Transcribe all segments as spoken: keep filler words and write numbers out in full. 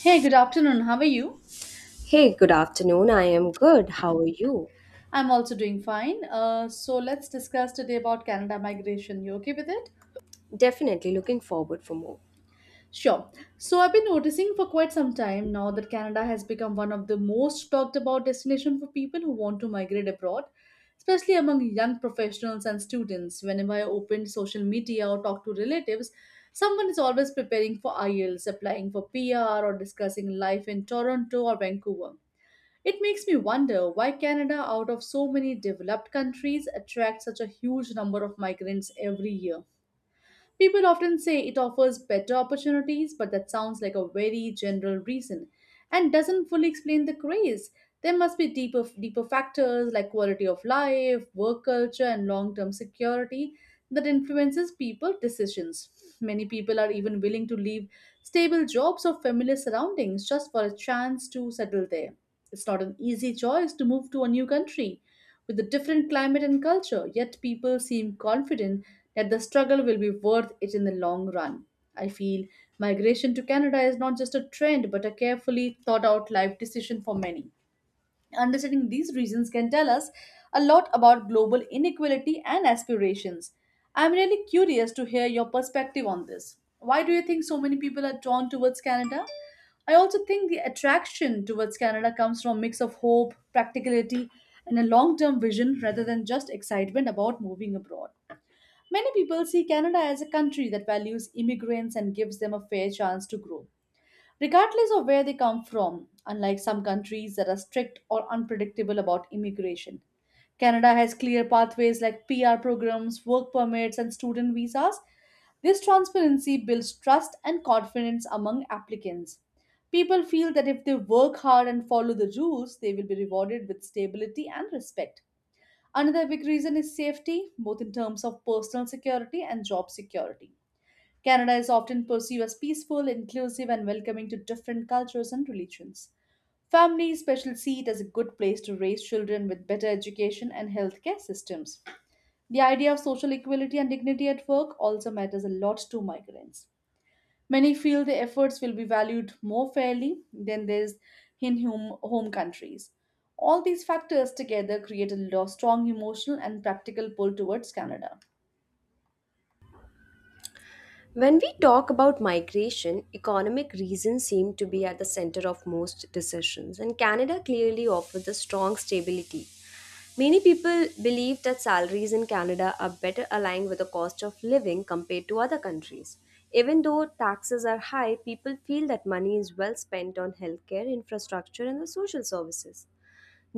Hey, good afternoon. How are you? Hey, good afternoon. I am good. How are you? I'm also doing fine. Uh, so let's discuss today about Canada migration. You okay with it? Definitely looking forward for more. Sure. So I've been noticing for quite some time now that Canada has become one of the most talked about destination for people who want to migrate abroad, especially among young professionals and students. Whenever I open social media or talk to relatives, someone is always preparing for IELTS, applying for P R, or discussing life in Toronto or Vancouver. It makes me wonder why Canada, out of so many developed countries, attracts such a huge number of migrants every year. People often say it offers better opportunities, but that sounds like a very general reason and doesn't fully explain the craze. There must be deeper, deeper factors like quality of life, work culture, and long term security that influences people's decisions. Many people are even willing to leave stable jobs or familiar surroundings just for a chance to settle there. It's not an easy choice to move to a new country with a different climate and culture, yet people seem confident that the struggle will be worth it in the long run. I feel migration to Canada is not just a trend but a carefully thought out life decision for many. Understanding these reasons can tell us a lot about global inequality and aspirations. I'm really curious to hear your perspective on this. Why do you think so many people are drawn towards Canada? I also think the attraction towards Canada comes from a mix of hope, practicality, and a long term vision rather than just excitement about moving abroad. Many people see Canada as a country that values immigrants and gives them a fair chance to grow regardless of where they come from, unlike some countries that are strict or unpredictable about immigration. Canada has clear pathways like P R programs, work permits, and student visas. This transparency builds trust and confidence among applicants. People feel that if they work hard and follow the rules, they will be rewarded with stability and respect. Another big reason is safety, both in terms of personal security and job security. Canada is often perceived as peaceful, inclusive, and welcoming to different cultures and religions. Families especially see it as a good place to raise children with better education and healthcare systems. The idea of social equality and dignity at work also matters a lot to migrants. Many feel their efforts will be valued more fairly than theirs in home, home countries. All these factors together create a lo- strong emotional and practical pull towards Canada. When we talk about migration, economic reasons seem to be at the center of most decisions, and Canada clearly offers a strong stability. Many people believe that salaries in Canada are better aligned with the cost of living compared to other countries. Even though taxes are high, people feel that money is well spent on healthcare, infrastructure, and the social services.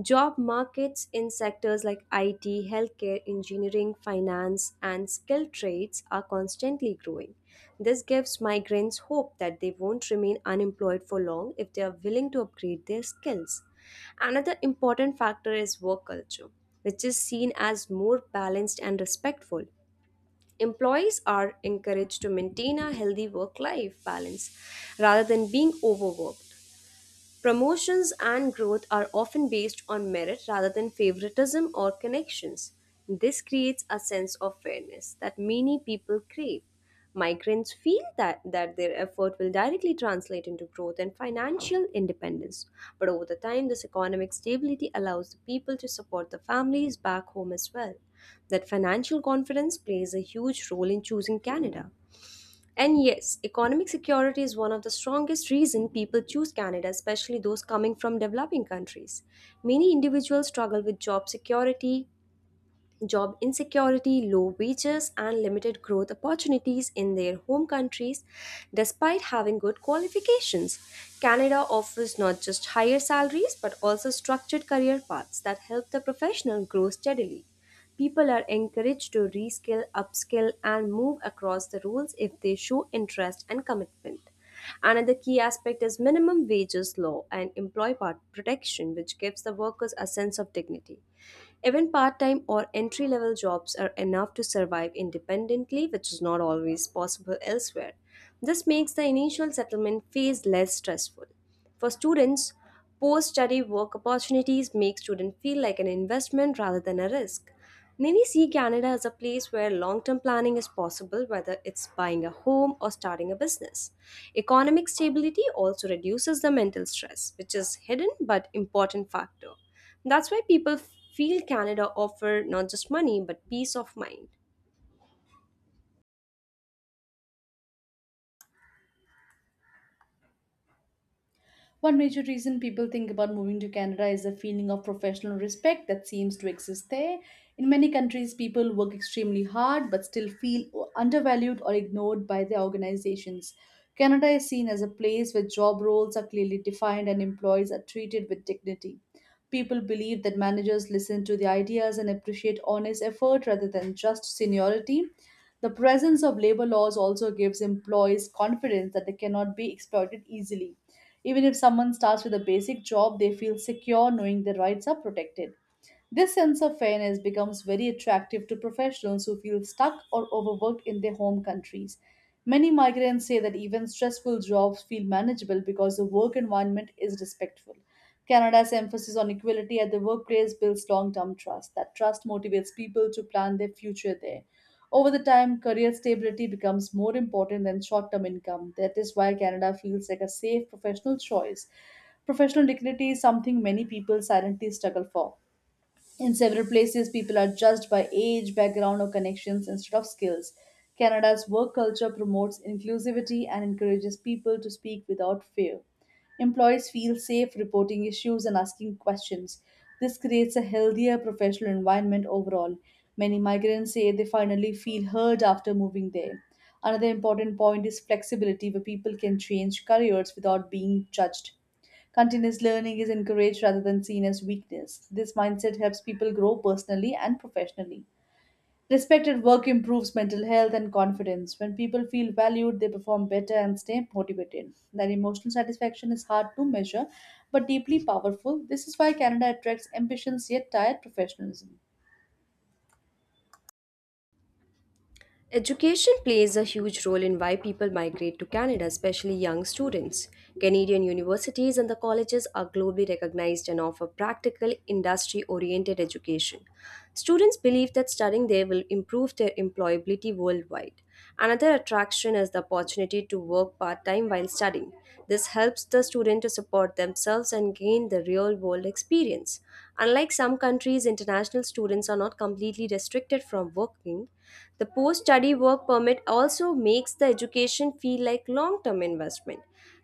Job markets in sectors like I T, healthcare, engineering, finance, and skilled trades are constantly growing. This gives migrants hope that they won't remain unemployed for long if they are willing to upgrade their skills. Another important factor is work culture, which is seen as more balanced and respectful. Employees are encouraged to maintain a healthy work life balance rather than being overworked. Promotions and growth are often based on merit rather than favoritism or connections. This creates a sense of fairness that many people crave. Migrants feel that, that their effort will directly translate into growth and financial independence. But over the time, this economic stability allows the people to support the families back home as well. That financial confidence plays a huge role in choosing Canada. And yes, economic security is one of the strongest reasons people choose Canada, especially those coming from developing countries. Many individuals struggle with job security, job insecurity, low wages, and limited growth opportunities in their home countries, despite having good qualifications. Canada offers not just higher salaries but also structured career paths that help the professional grow steadily. People are encouraged to reskill, upskill, and move across the roles if they show interest and commitment. Another key aspect is minimum wages law and employee part protection, which gives the workers a sense of dignity. Even part time or entry level jobs are enough to survive independently, which is not always possible elsewhere. This makes the initial settlement phase less stressful. For students, post study work opportunities make students feel like an investment rather than a risk. Many see Canada as a place where long term planning is possible, whether it's buying a home or starting a business. Economic stability also reduces the mental stress, which is hidden but important factor. That's why people feel Canada offer not just money but peace of mind. One major reason people think about moving to Canada is the feeling of professional respect that seems to exist there. In many countries, people work extremely hard but still feel undervalued or ignored by their organizations. Canada is seen as a place where job roles are clearly defined and employees are treated with dignity. People believe that managers listen to the ideas and appreciate honest effort rather than just seniority. The presence of labor laws also gives employees confidence that they cannot be exploited easily. Even if someone starts with a basic job, they feel secure knowing their rights are protected. This sense of fairness becomes very attractive to professionals who feel stuck or overworked in their home countries. Many migrants say that even stressful jobs feel manageable because the work environment is respectful. Canada's emphasis on equality at the workplace builds long term trust. That trust motivates people to plan their future there. Over the time, career stability becomes more important than short term income. That is why Canada feels like a safe professional choice. Professional dignity is something many people silently struggle for. In several places, people are judged by age, background, or connections instead of skills. Canada's work culture promotes inclusivity and encourages people to speak without fear. Employees feel safe reporting issues and asking questions. This creates a healthier professional environment overall. Many migrants say they finally feel heard after moving there. Another important point is flexibility, where people can change careers without being judged. Continuous learning is encouraged rather than seen as weakness. This mindset helps people grow personally and professionally. Respect at work improves mental health and confidence. When people feel valued, they perform better and stay motivated. That emotional satisfaction is hard to measure but deeply powerful. This is why Canada attracts ambitious yet tired professionalism. Education plays a huge role in why people migrate to Canada, especially young students. Canadian universities and the colleges are globally recognized and offer practical, industry oriented education. Students believe that studying there will improve their employability worldwide. Another attraction is the opportunity to work part time while studying. This helps the student to support themselves and gain the real world experience. Unlike some countries, international students are not completely restricted from working the post study work permit also makes the education feel like long term investment.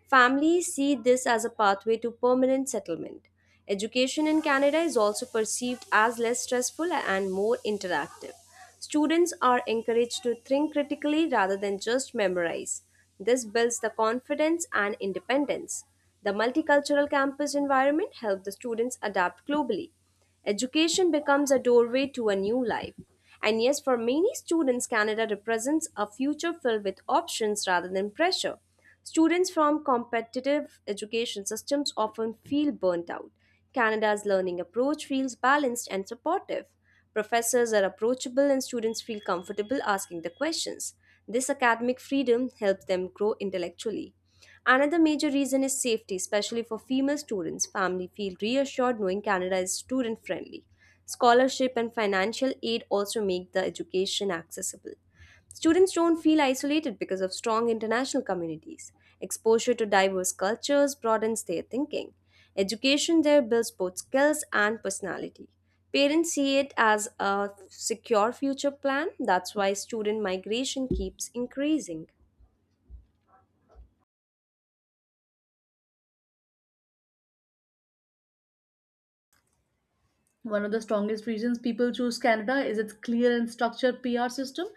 Families see this as a pathway to permanent settlement. Education in Canada is also perceived as less stressful and more interactive. Students are encouraged to think critically rather than just memorize. This builds the confidence and independence. The multicultural campus environment helps the students adapt globally. Education becomes a doorway to a new life. And yes, for many students, Canada represents a future filled with options rather than pressure. Students from competitive education systems often feel burnt out. Canada's learning approach feels balanced and supportive. Professors are approachable, and students feel comfortable asking the questions. This academic freedom helps them grow intellectually. Another major reason is safety, especially for female students. Families feel reassured knowing Canada is student friendly. Scholarship and financial aid also make the education accessible. Students don't feel isolated because of strong international communities. Exposure to diverse cultures broadens their thinking. Education there builds both skills and personality. Parents see it as a secure future plan. That's why student migration keeps increasing. One of the strongest reasons people choose Canada is its clear and structured P R system.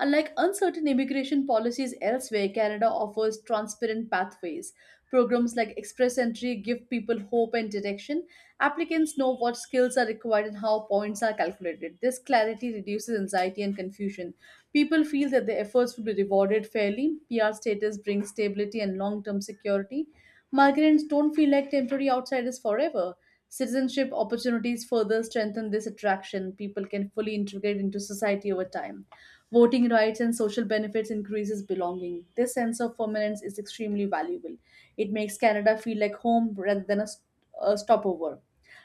Unlike uncertain immigration policies elsewhere, Canada offers transparent pathways. Programs like Express Entry give people hope and direction. Applicants know what skills are required and how points are calculated. This clarity reduces anxiety and confusion. People feel that their efforts will be rewarded fairly. P R status brings stability and long term security. Migrants don't feel like temporary outsiders forever. Citizenship opportunities further strengthen this attraction. People can fully integrate into society over time. Voting rights and social benefits increases belonging. This sense of permanence is extremely valuable. It makes Canada feel like home rather than a, st- a stopover.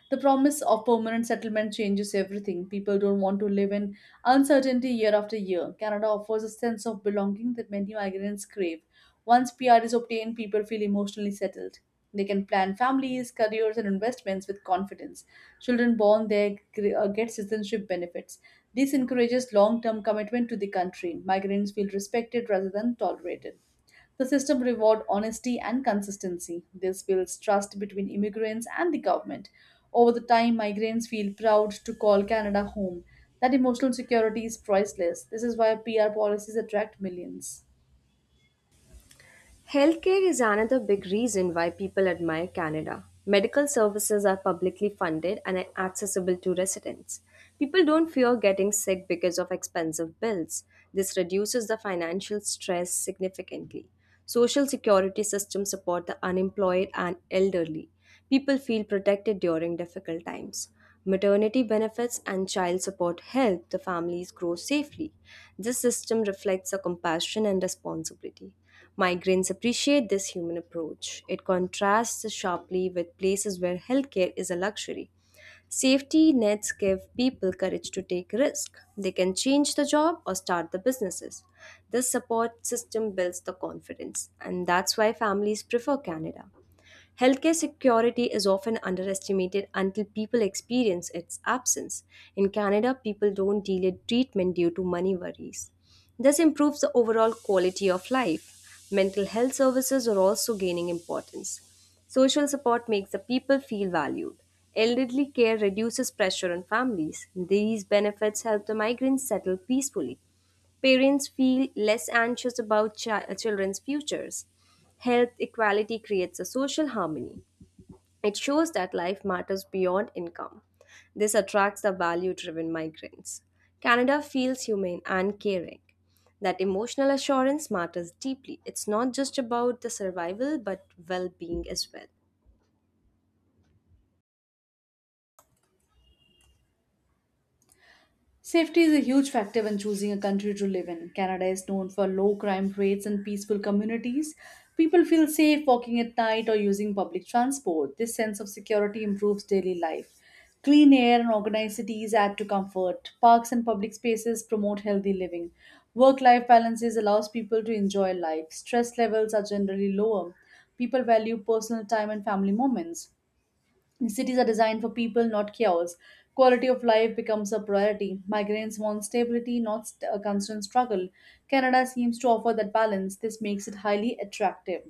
The promise of permanent settlement changes everything. People don't want to live in uncertainty year after year. Canada offers a sense of belonging that many migrants crave. Once P R is obtained, people feel emotionally settled. They can plan families, careers, and investments with confidence. Children born there gr- uh, get citizenship benefits. This encourages long term commitment to the country. Migrants feel respected rather than tolerated. The system reward honesty and consistency. This builds trust between immigrants and the government. Over the time, migrants feel proud to call Canada home. That emotional security is priceless. This is why P R policies attract millions. Healthcare is another big reason why people admire Canada. Medical services are publicly funded and are accessible to residents. People don't fear getting sick because of expensive bills. This reduces the financial stress significantly. Social security systems support the unemployed and elderly. People feel protected during difficult times. Maternity benefits and child support help the families grow safely. This system reflects a compassion and responsibility. Migrants appreciate this human approach. It contrasts sharply with places where healthcare is a luxury. Safety nets give people courage to take risk. They can change the job or start the businesses. This support system builds the confidence, and that's why families prefer Canada. Healthcare security is often underestimated until people experience its absence. In Canada, people don't delay treatment due to money worries. This improves the overall quality of life. Mental health services are also gaining importance. Social support makes the people feel valued. Elderly care reduces pressure on families. These benefits help the migrants settle peacefully. Parents feel less anxious about chi- uh, children's futures. Health equality creates a social harmony. It shows that life matters beyond income. This attracts the value driven migrants. Canada feels humane and caring. That emotional assurance matters deeply. It's not just about the survival but well being as well. Safety is a huge factor when choosing a country to live in. Canada is known for low crime rates and peaceful communities. People feel safe walking at night or using public transport. This sense of security improves daily life. Clean air and organized cities add to comfort. Parks and public spaces promote healthy living. Work life balances allows people to enjoy life. Stress levels are generally lower. People value personal time and family moments. Cities are designed for people, not chaos. Quality of life becomes a priority. Migrants want stability, not st- a constant struggle. Canada seems to offer that balance. This makes it highly attractive.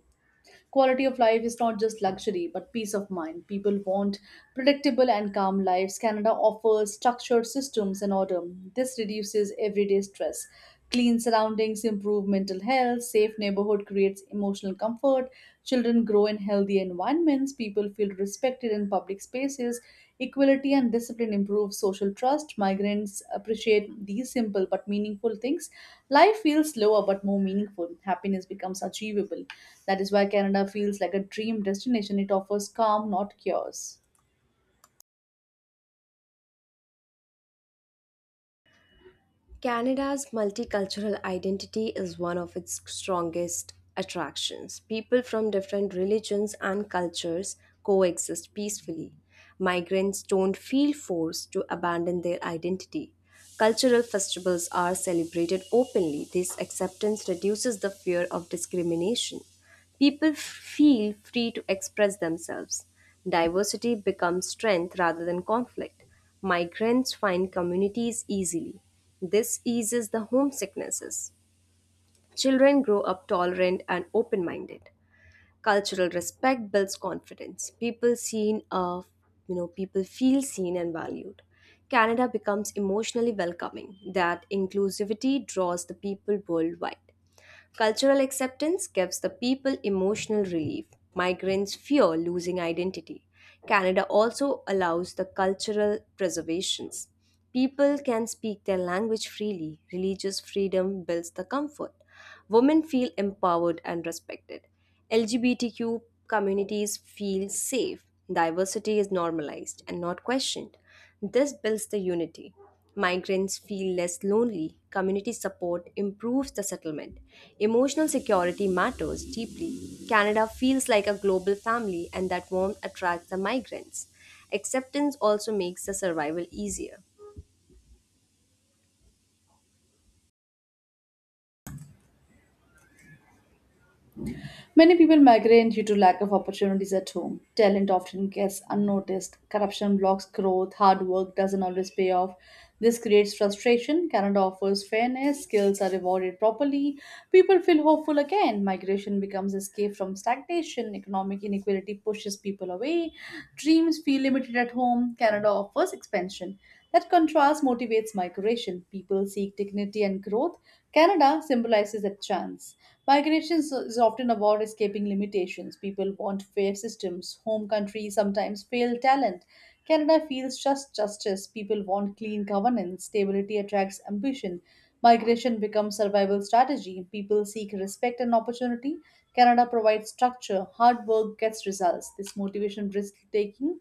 Quality of life is not just luxury, but peace of mind. People want predictable and calm lives. Canada offers structured systems and order. This reduces everyday stress. Clean surroundings improve mental health. Safe neighborhood creates emotional comfort. Children grow in healthy environments. People feel respected in public spaces. Equality and discipline improve social trust. Migrants appreciate these simple but meaningful things. Life feels slower but more meaningful. Happiness becomes achievable. That is why Canada feels like a dream destination. It offers calm, not cures. Canada's multicultural identity is one of its strongest attractions. People from different religions and cultures coexist peacefully. Migrants don't feel forced to abandon their identity. Cultural festivals are celebrated openly. This acceptance reduces the fear of discrimination. People f- feel free to express themselves. Diversity becomes strength rather than conflict. Migrants find communities easily. This eases the homesicknesses. Children grow up tolerant and open minded. Cultural respect builds confidence. People seen uh, you know people feel seen and valued. Canada becomes emotionally welcoming. That inclusivity draws the people worldwide. Cultural acceptance gives the people emotional relief. Migrants fear losing identity. Canada also allows the cultural preservations. People can speak their language freely. Religious freedom builds the comfort. Women feel empowered and respected. L G B T Q communities feel safe. Diversity is normalized and not questioned. This builds the unity. Migrants feel less lonely, community support improves the settlement. Emotional security matters deeply. Canada feels like a global family, and that warmth attracts the migrants. Acceptance also makes the survival easier. Many people migrate due to lack of opportunities at home. Talent often gets unnoticed. Corruption blocks growth. Hard work doesn't always pay off. This creates frustration. Canada offers fairness. Skills are rewarded properly. People feel hopeful again. Migration becomes escape from stagnation. Economic inequality pushes people away. Dreams feel limited at home. Canada offers expansion. That contrast motivates migration. People seek dignity and growth. Canada symbolizes a chance. Migration is is often about escaping limitations. People want fair systems. Home countries sometimes fail talent. Canada feels just justice. People want clean governance. Stability attracts ambition. Migration becomes survival strategy. People seek respect and opportunity. Canada provides structure. Hard work gets results. This motivation risk taking.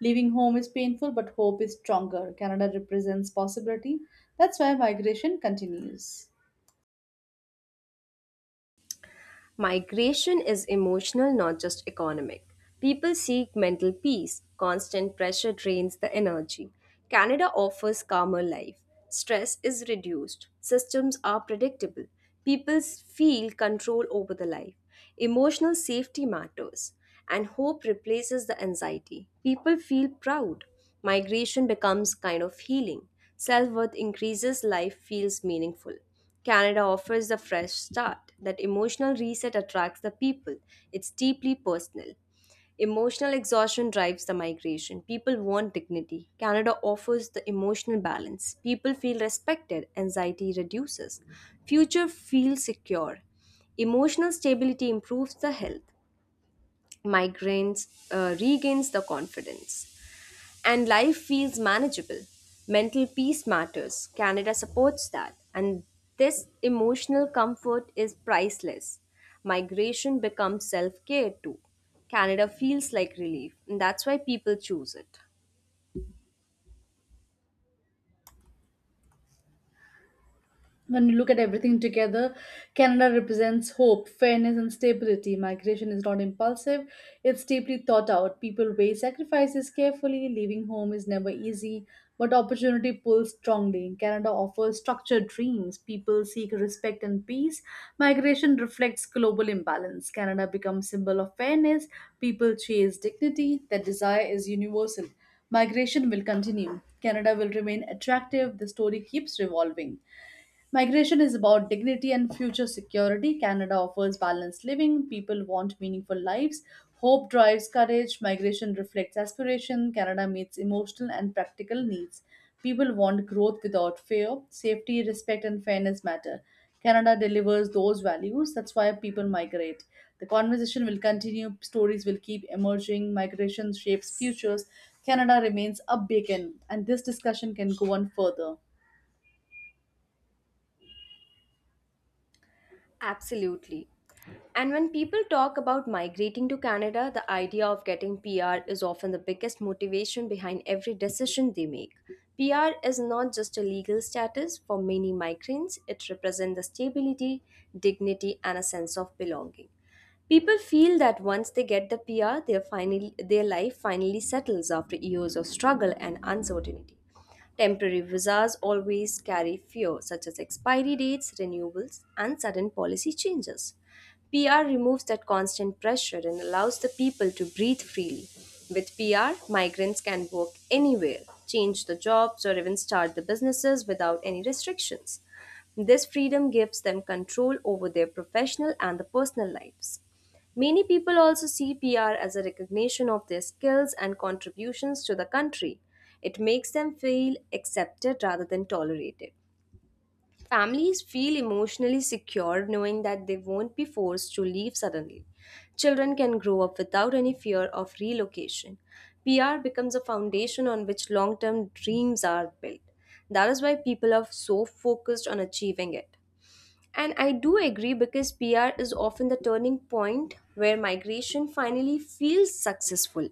Leaving home is painful, but hope is stronger. Canada represents possibility. That's why migration continues. Migration is emotional, not just economic. People seek mental peace. Constant pressure drains the energy. Canada offers calmer life. Stress is reduced. Systems are predictable. People s- feel control over the life. Emotional safety matters. And hope replaces the anxiety. People feel proud. Migration becomes kind of healing. Self worth increases, life feels meaningful. Canada offers a fresh start. That emotional reset attracts the people. It's deeply personal. Emotional exhaustion drives the migration. People want dignity. Canada offers the emotional balance. People feel respected. Anxiety reduces. Future feels secure. Emotional stability improves the health. Migraines uh, regains the confidence and life feels manageable. Mental peace matters. Canada supports that, and this emotional comfort is priceless. Migration becomes self care too. Canada feels like relief, and that's why people choose it. When you look at everything together, Canada represents hope, fairness, and stability. Migration is not impulsive, it's deeply thought out. People weigh sacrifices carefully, leaving home is never easy, but opportunity pulls strongly. Canada offers structured dreams, people seek respect and peace. Migration reflects global imbalance. Canada becomes symbol of fairness, people chase dignity, that desire is universal. Migration will continue. Canada will remain attractive, the story keeps revolving. Migration is about dignity and future security. Canada offers balanced living. People want meaningful lives. Hope drives courage. Migration reflects aspiration. Canada meets emotional and practical needs. People want growth without fear. Safety, respect, and fairness matter. Canada delivers those values. That's why people migrate. The conversation will continue. Stories will keep emerging. Migration shapes futures. Canada remains a beacon, and this discussion can go on further. Absolutely. And when people talk about migrating to Canada, the idea of getting P R is often the biggest motivation behind every decision they make. P R is not just a legal status for many migrants, it represents the stability, dignity, and a sense of belonging. People feel that once they get the P R, their, finally, their life finally settles after years of struggle and uncertainty. Temporary visas always carry fear, such as expiry dates, renewals, and sudden policy changes. P R removes that constant pressure and allows the people to breathe freely. With P R, migrants can work anywhere, change the jobs, or even start the businesses without any restrictions. This freedom gives them control over their professional and the personal lives. Many people also see P R as a recognition of their skills and contributions to the country. It makes them feel accepted rather than tolerated. Families feel emotionally secure knowing that they won't be forced to leave suddenly. Children can grow up without any fear of relocation. P R becomes a foundation on which long term dreams are built. That is why people are so focused on achieving it. And I do agree because P R is often the turning point where migration finally feels successful.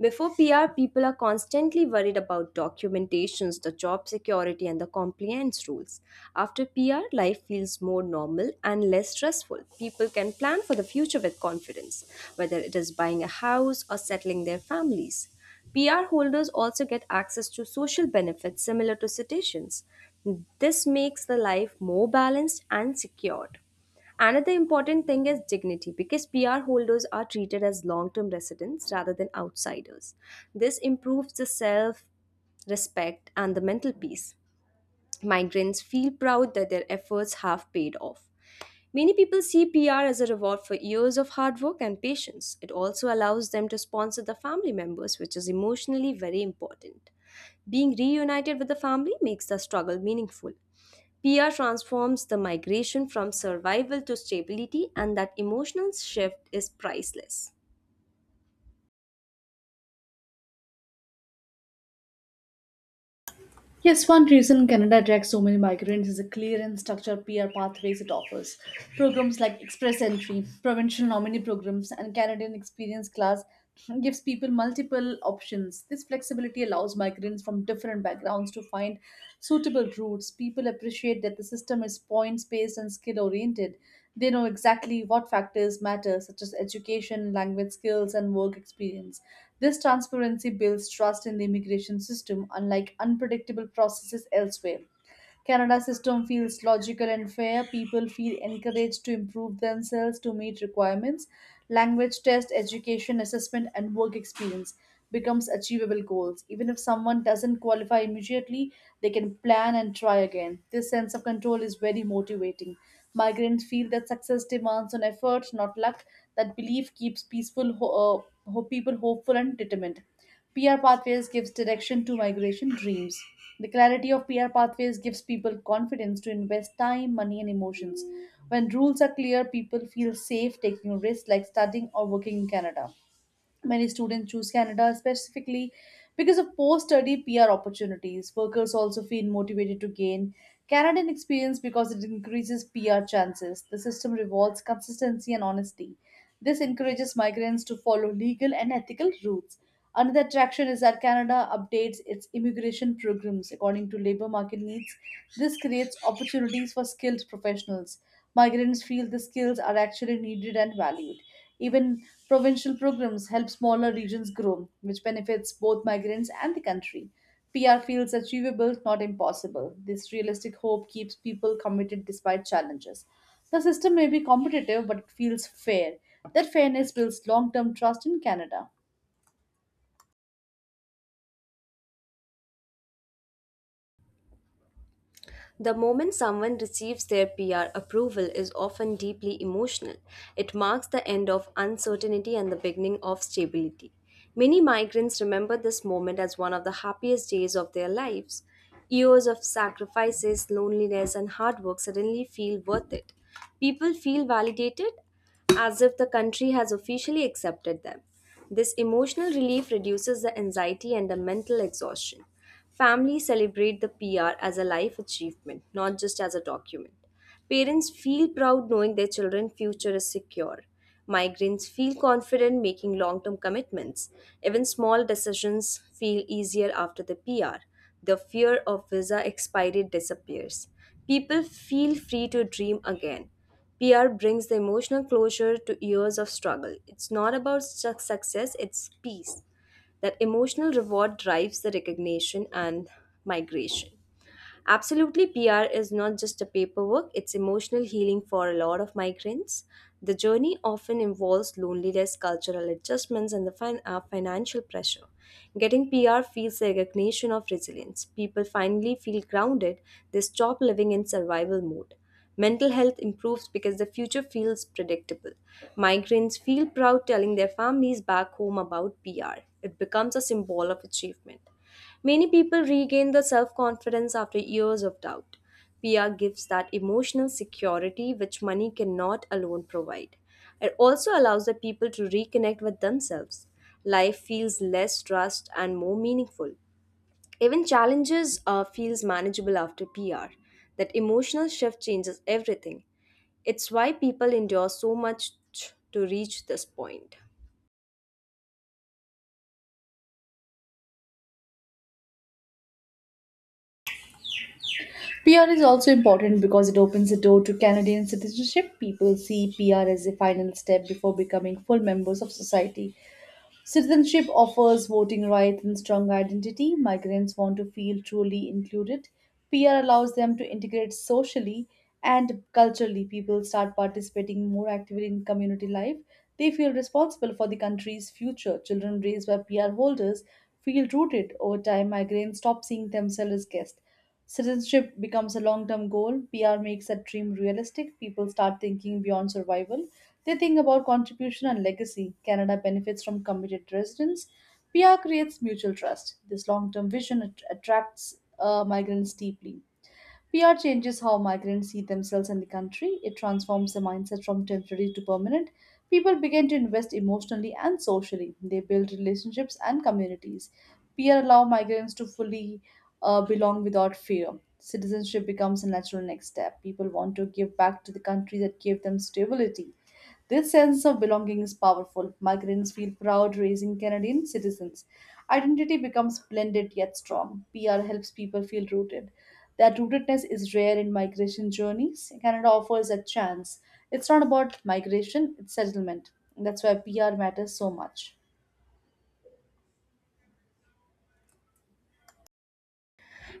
Before P R, people are constantly worried about documentations, the job security, and the compliance rules. After P R, life feels more normal and less stressful. People can plan for the future with confidence, whether it is buying a house or settling their families. P R holders also get access to social benefits similar to citizens. This makes the life more balanced and secured. Another important thing is dignity because P R holders are treated as long term residents rather than outsiders. This improves the self respect and the mental peace. Migrants feel proud that their efforts have paid off. Many people see P R as a reward for years of hard work and patience. It also allows them to sponsor the family members, which is emotionally very important. Being reunited with the family makes the struggle meaningful. P R transforms the migration from survival to stability, and that emotional shift is priceless. Yes, one reason Canada attracts so many migrants is the clear and structured peer pathways it offers. Programs like Express Entry, Provincial Nominee Programs, and Canadian Experience Class gives people multiple options. This flexibility allows migrants from different backgrounds to find suitable routes. People appreciate that the system is points based and skill oriented, they know exactly what factors matter, such as education, language skills, and work experience. This transparency builds trust in the immigration system, unlike unpredictable processes elsewhere. Canada's system feels logical and fair. People feel encouraged to improve themselves to meet requirements. Language test, education, assessment, and work experience becomes achievable goals. Even if someone doesn't qualify immediately, they can plan and try again. This sense of control is very motivating. Migrants feel that success demands on effort, not luck. That belief keeps peaceful ho- uh, ho- people hopeful and determined. P R pathways gives direction to migration dreams. The clarity of P R pathways gives people confidence to invest time, money, and emotions. When rules are clear, people feel safe taking risks like studying or working in Canada. Many students choose Canada specifically because of post study P R opportunities. Workers also feel motivated to gain Canadian experience because it increases P R chances. The system rewards consistency and honesty. This encourages migrants to follow legal and ethical routes. Another attraction is that Canada updates its immigration programs according to labor market needs. This creates opportunities for skilled professionals. Migrants feel the skills are actually needed and valued. Even provincial programs help smaller regions grow, which benefits both migrants and the country. P R feels achievable, not impossible. This realistic hope keeps people committed despite challenges. The system may be competitive, but it feels fair. That fairness builds long term trust in Canada. The moment someone receives their P R approval is often deeply emotional. It marks the end of uncertainty and the beginning of stability. Many migrants remember this moment as one of the happiest days of their lives. Years of sacrifices, loneliness, and hard work suddenly feel worth it. People feel validated as if the country has officially accepted them. This emotional relief reduces the anxiety and the mental exhaustion. Families celebrate the P R as a life achievement, not just as a document. Parents feel proud knowing their children's future is secure. Migrants feel confident making long term commitments. Even small decisions feel easier after the P R. The fear of visa expiry disappears. People feel free to dream again. P R brings the emotional closure to years of struggle. It's not about su- success, it's peace that emotional reward drives the recognition and migration. Absolutely, P R is not just a paperwork, it's emotional healing for a lot of migrants. The journey often involves loneliness, cultural adjustments, and the fin- uh, financial pressure. Getting P R feels a recognition of resilience. People finally feel grounded, they stop living in survival mode. Mental health improves because the future feels predictable. Migrants feel proud telling their families back home about P R. It becomes a symbol of achievement. Many people regain the self confidence after years of doubt. P R gives that emotional security which money cannot alone provide. It also allows the people to reconnect with themselves. Life feels less stressed and more meaningful. Even challenges uh, feels manageable after P R. That emotional shift changes everything. It's why people endure so much to reach this point. P R is also important because it opens the door to Canadian citizenship. People see P R as a final step before becoming full members of society. Citizenship offers voting rights and strong identity. Migrants want to feel truly included. P R allows them to integrate socially and culturally. People start participating more actively in community life. They feel responsible for the country's future. Children raised by P R holders feel rooted over time. Migrants stop seeing themselves as guests. Citizenship becomes a long term goal. P R makes that dream realistic. People start thinking beyond survival. They think about contribution and legacy. Canada benefits from committed residents. P R creates mutual trust. This long term vision att- attracts uh, migrants deeply. P R changes how migrants see themselves in the country. It transforms the mindset from temporary to permanent. People begin to invest emotionally and socially. They build relationships and communities. P R allow migrants to fully uh, belong without fear. Citizenship becomes a natural next step. People want to give back to the country that gave them stability. This sense of belonging is powerful. Migrants feel proud raising Canadian citizens. Identity becomes blended yet strong. P R helps people feel rooted. That rootedness is rare in migration journeys. Canada offers a chance. It's not about migration, it's settlement. That's why P R matters so much.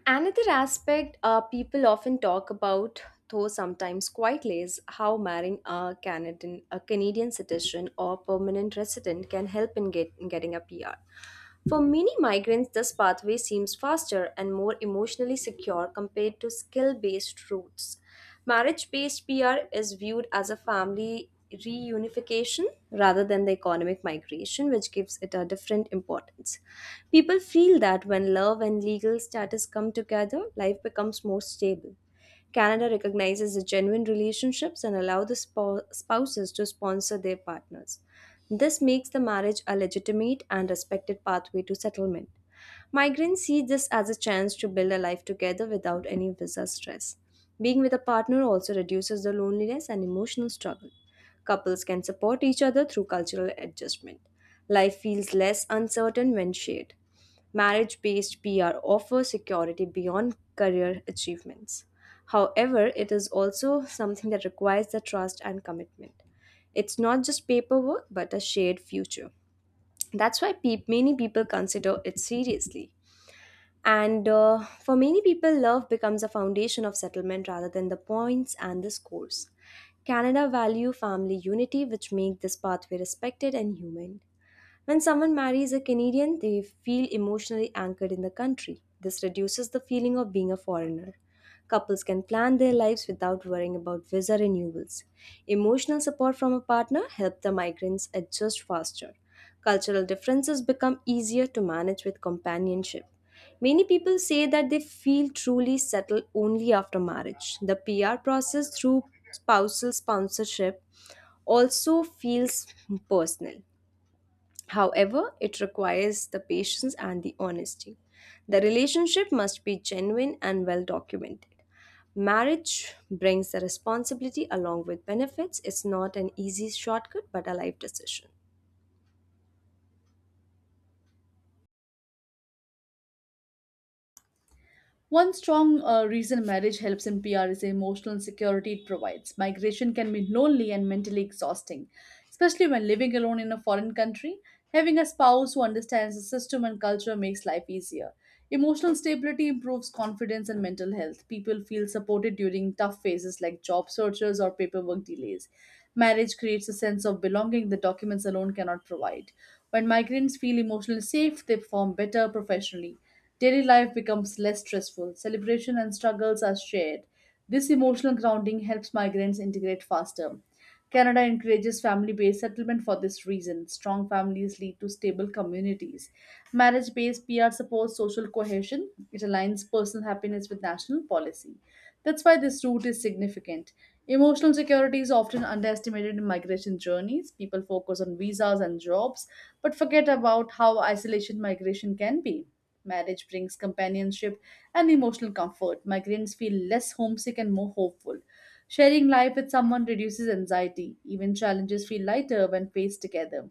Another aspect uh, people often talk about, though sometimes quietly, is how marrying a Canadian, a Canadian citizen or permanent resident can help in, get, in getting a P R. For many migrants, this pathway seems faster and more emotionally secure compared to skill based routes. Marriage based P R is viewed as a family reunification rather than the economic migration, which gives it a different importance. People feel that when love and legal status come together, life becomes more stable. Canada recognizes the genuine relationships and allow the spou- spouses to sponsor their partners. This makes the marriage a legitimate and respected pathway to settlement. Migrants see this as a chance to build a life together without any visa stress. Being with a partner also reduces the loneliness and emotional struggle. Couples can support each other through cultural adjustment. Life feels less uncertain when shared. Marriage based P R offers security beyond career achievements. However, it is also something that requires the trust and commitment. It's not just paperwork, but a shared future. That's why pe- many people consider it seriously. And uh, for many people, love becomes a foundation of settlement rather than the points and the scores. Canada value family unity, which make this pathway respected and human. When someone marries a Canadian, they feel emotionally anchored in the country. This reduces the feeling of being a foreigner. Couples can plan their lives without worrying about visa renewals. Emotional support from a partner helps the migrants adjust faster. Cultural differences become easier to manage with companionship. Many people say that they feel truly settled only after marriage. The P R process through spousal sponsorship also feels personal. However, it requires the patience and the honesty. The relationship must be genuine and well documented. Marriage brings the responsibility along with benefits. It's not an easy shortcut, but a life decision. One strong uh, reason marriage helps in P R is the emotional security it provides. Migration can be lonely and mentally exhausting, especially when living alone in a foreign country. Having a spouse who understands the system and culture makes life easier. Emotional stability improves confidence and mental health. People feel supported during tough phases like job searches or paperwork delays. Marriage creates a sense of belonging that documents alone cannot provide. When migrants feel emotionally safe, they perform better professionally. Daily life becomes less stressful. Celebration and struggles are shared. This emotional grounding helps migrants integrate faster. Canada encourages family based settlement for this reason. Strong families lead to stable communities. Marriage based P R supports social cohesion. It aligns personal happiness with national policy. That's why this route is significant. Emotional security is often underestimated in migration journeys. People focus on visas and jobs, but forget about how isolation migration can be. Marriage brings companionship and emotional comfort. Migrants feel less homesick and more hopeful. Sharing life with someone reduces anxiety. Even challenges feel lighter when faced together.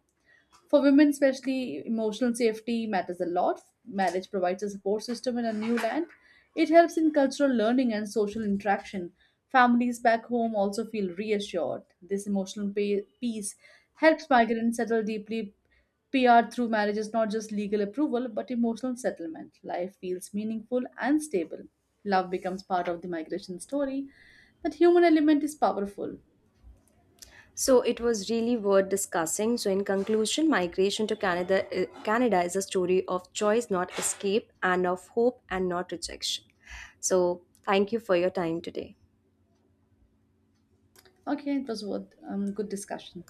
For women, especially, emotional safety matters a lot. Marriage provides a support system in a new land. It helps in cultural learning and social interaction. Families back home also feel reassured. This emotional pa- peace helps migrants settle deeply. P R through marriage is not just legal approval but emotional settlement. Life feels meaningful and stable. Love becomes part of the migration story. That human element is powerful. So it was really worth discussing. So in conclusion, migration to Canada, eh, Canada is a story of choice, not escape, and of hope and not rejection. So thank you for your time today. Okay, it was worth um, good discussion.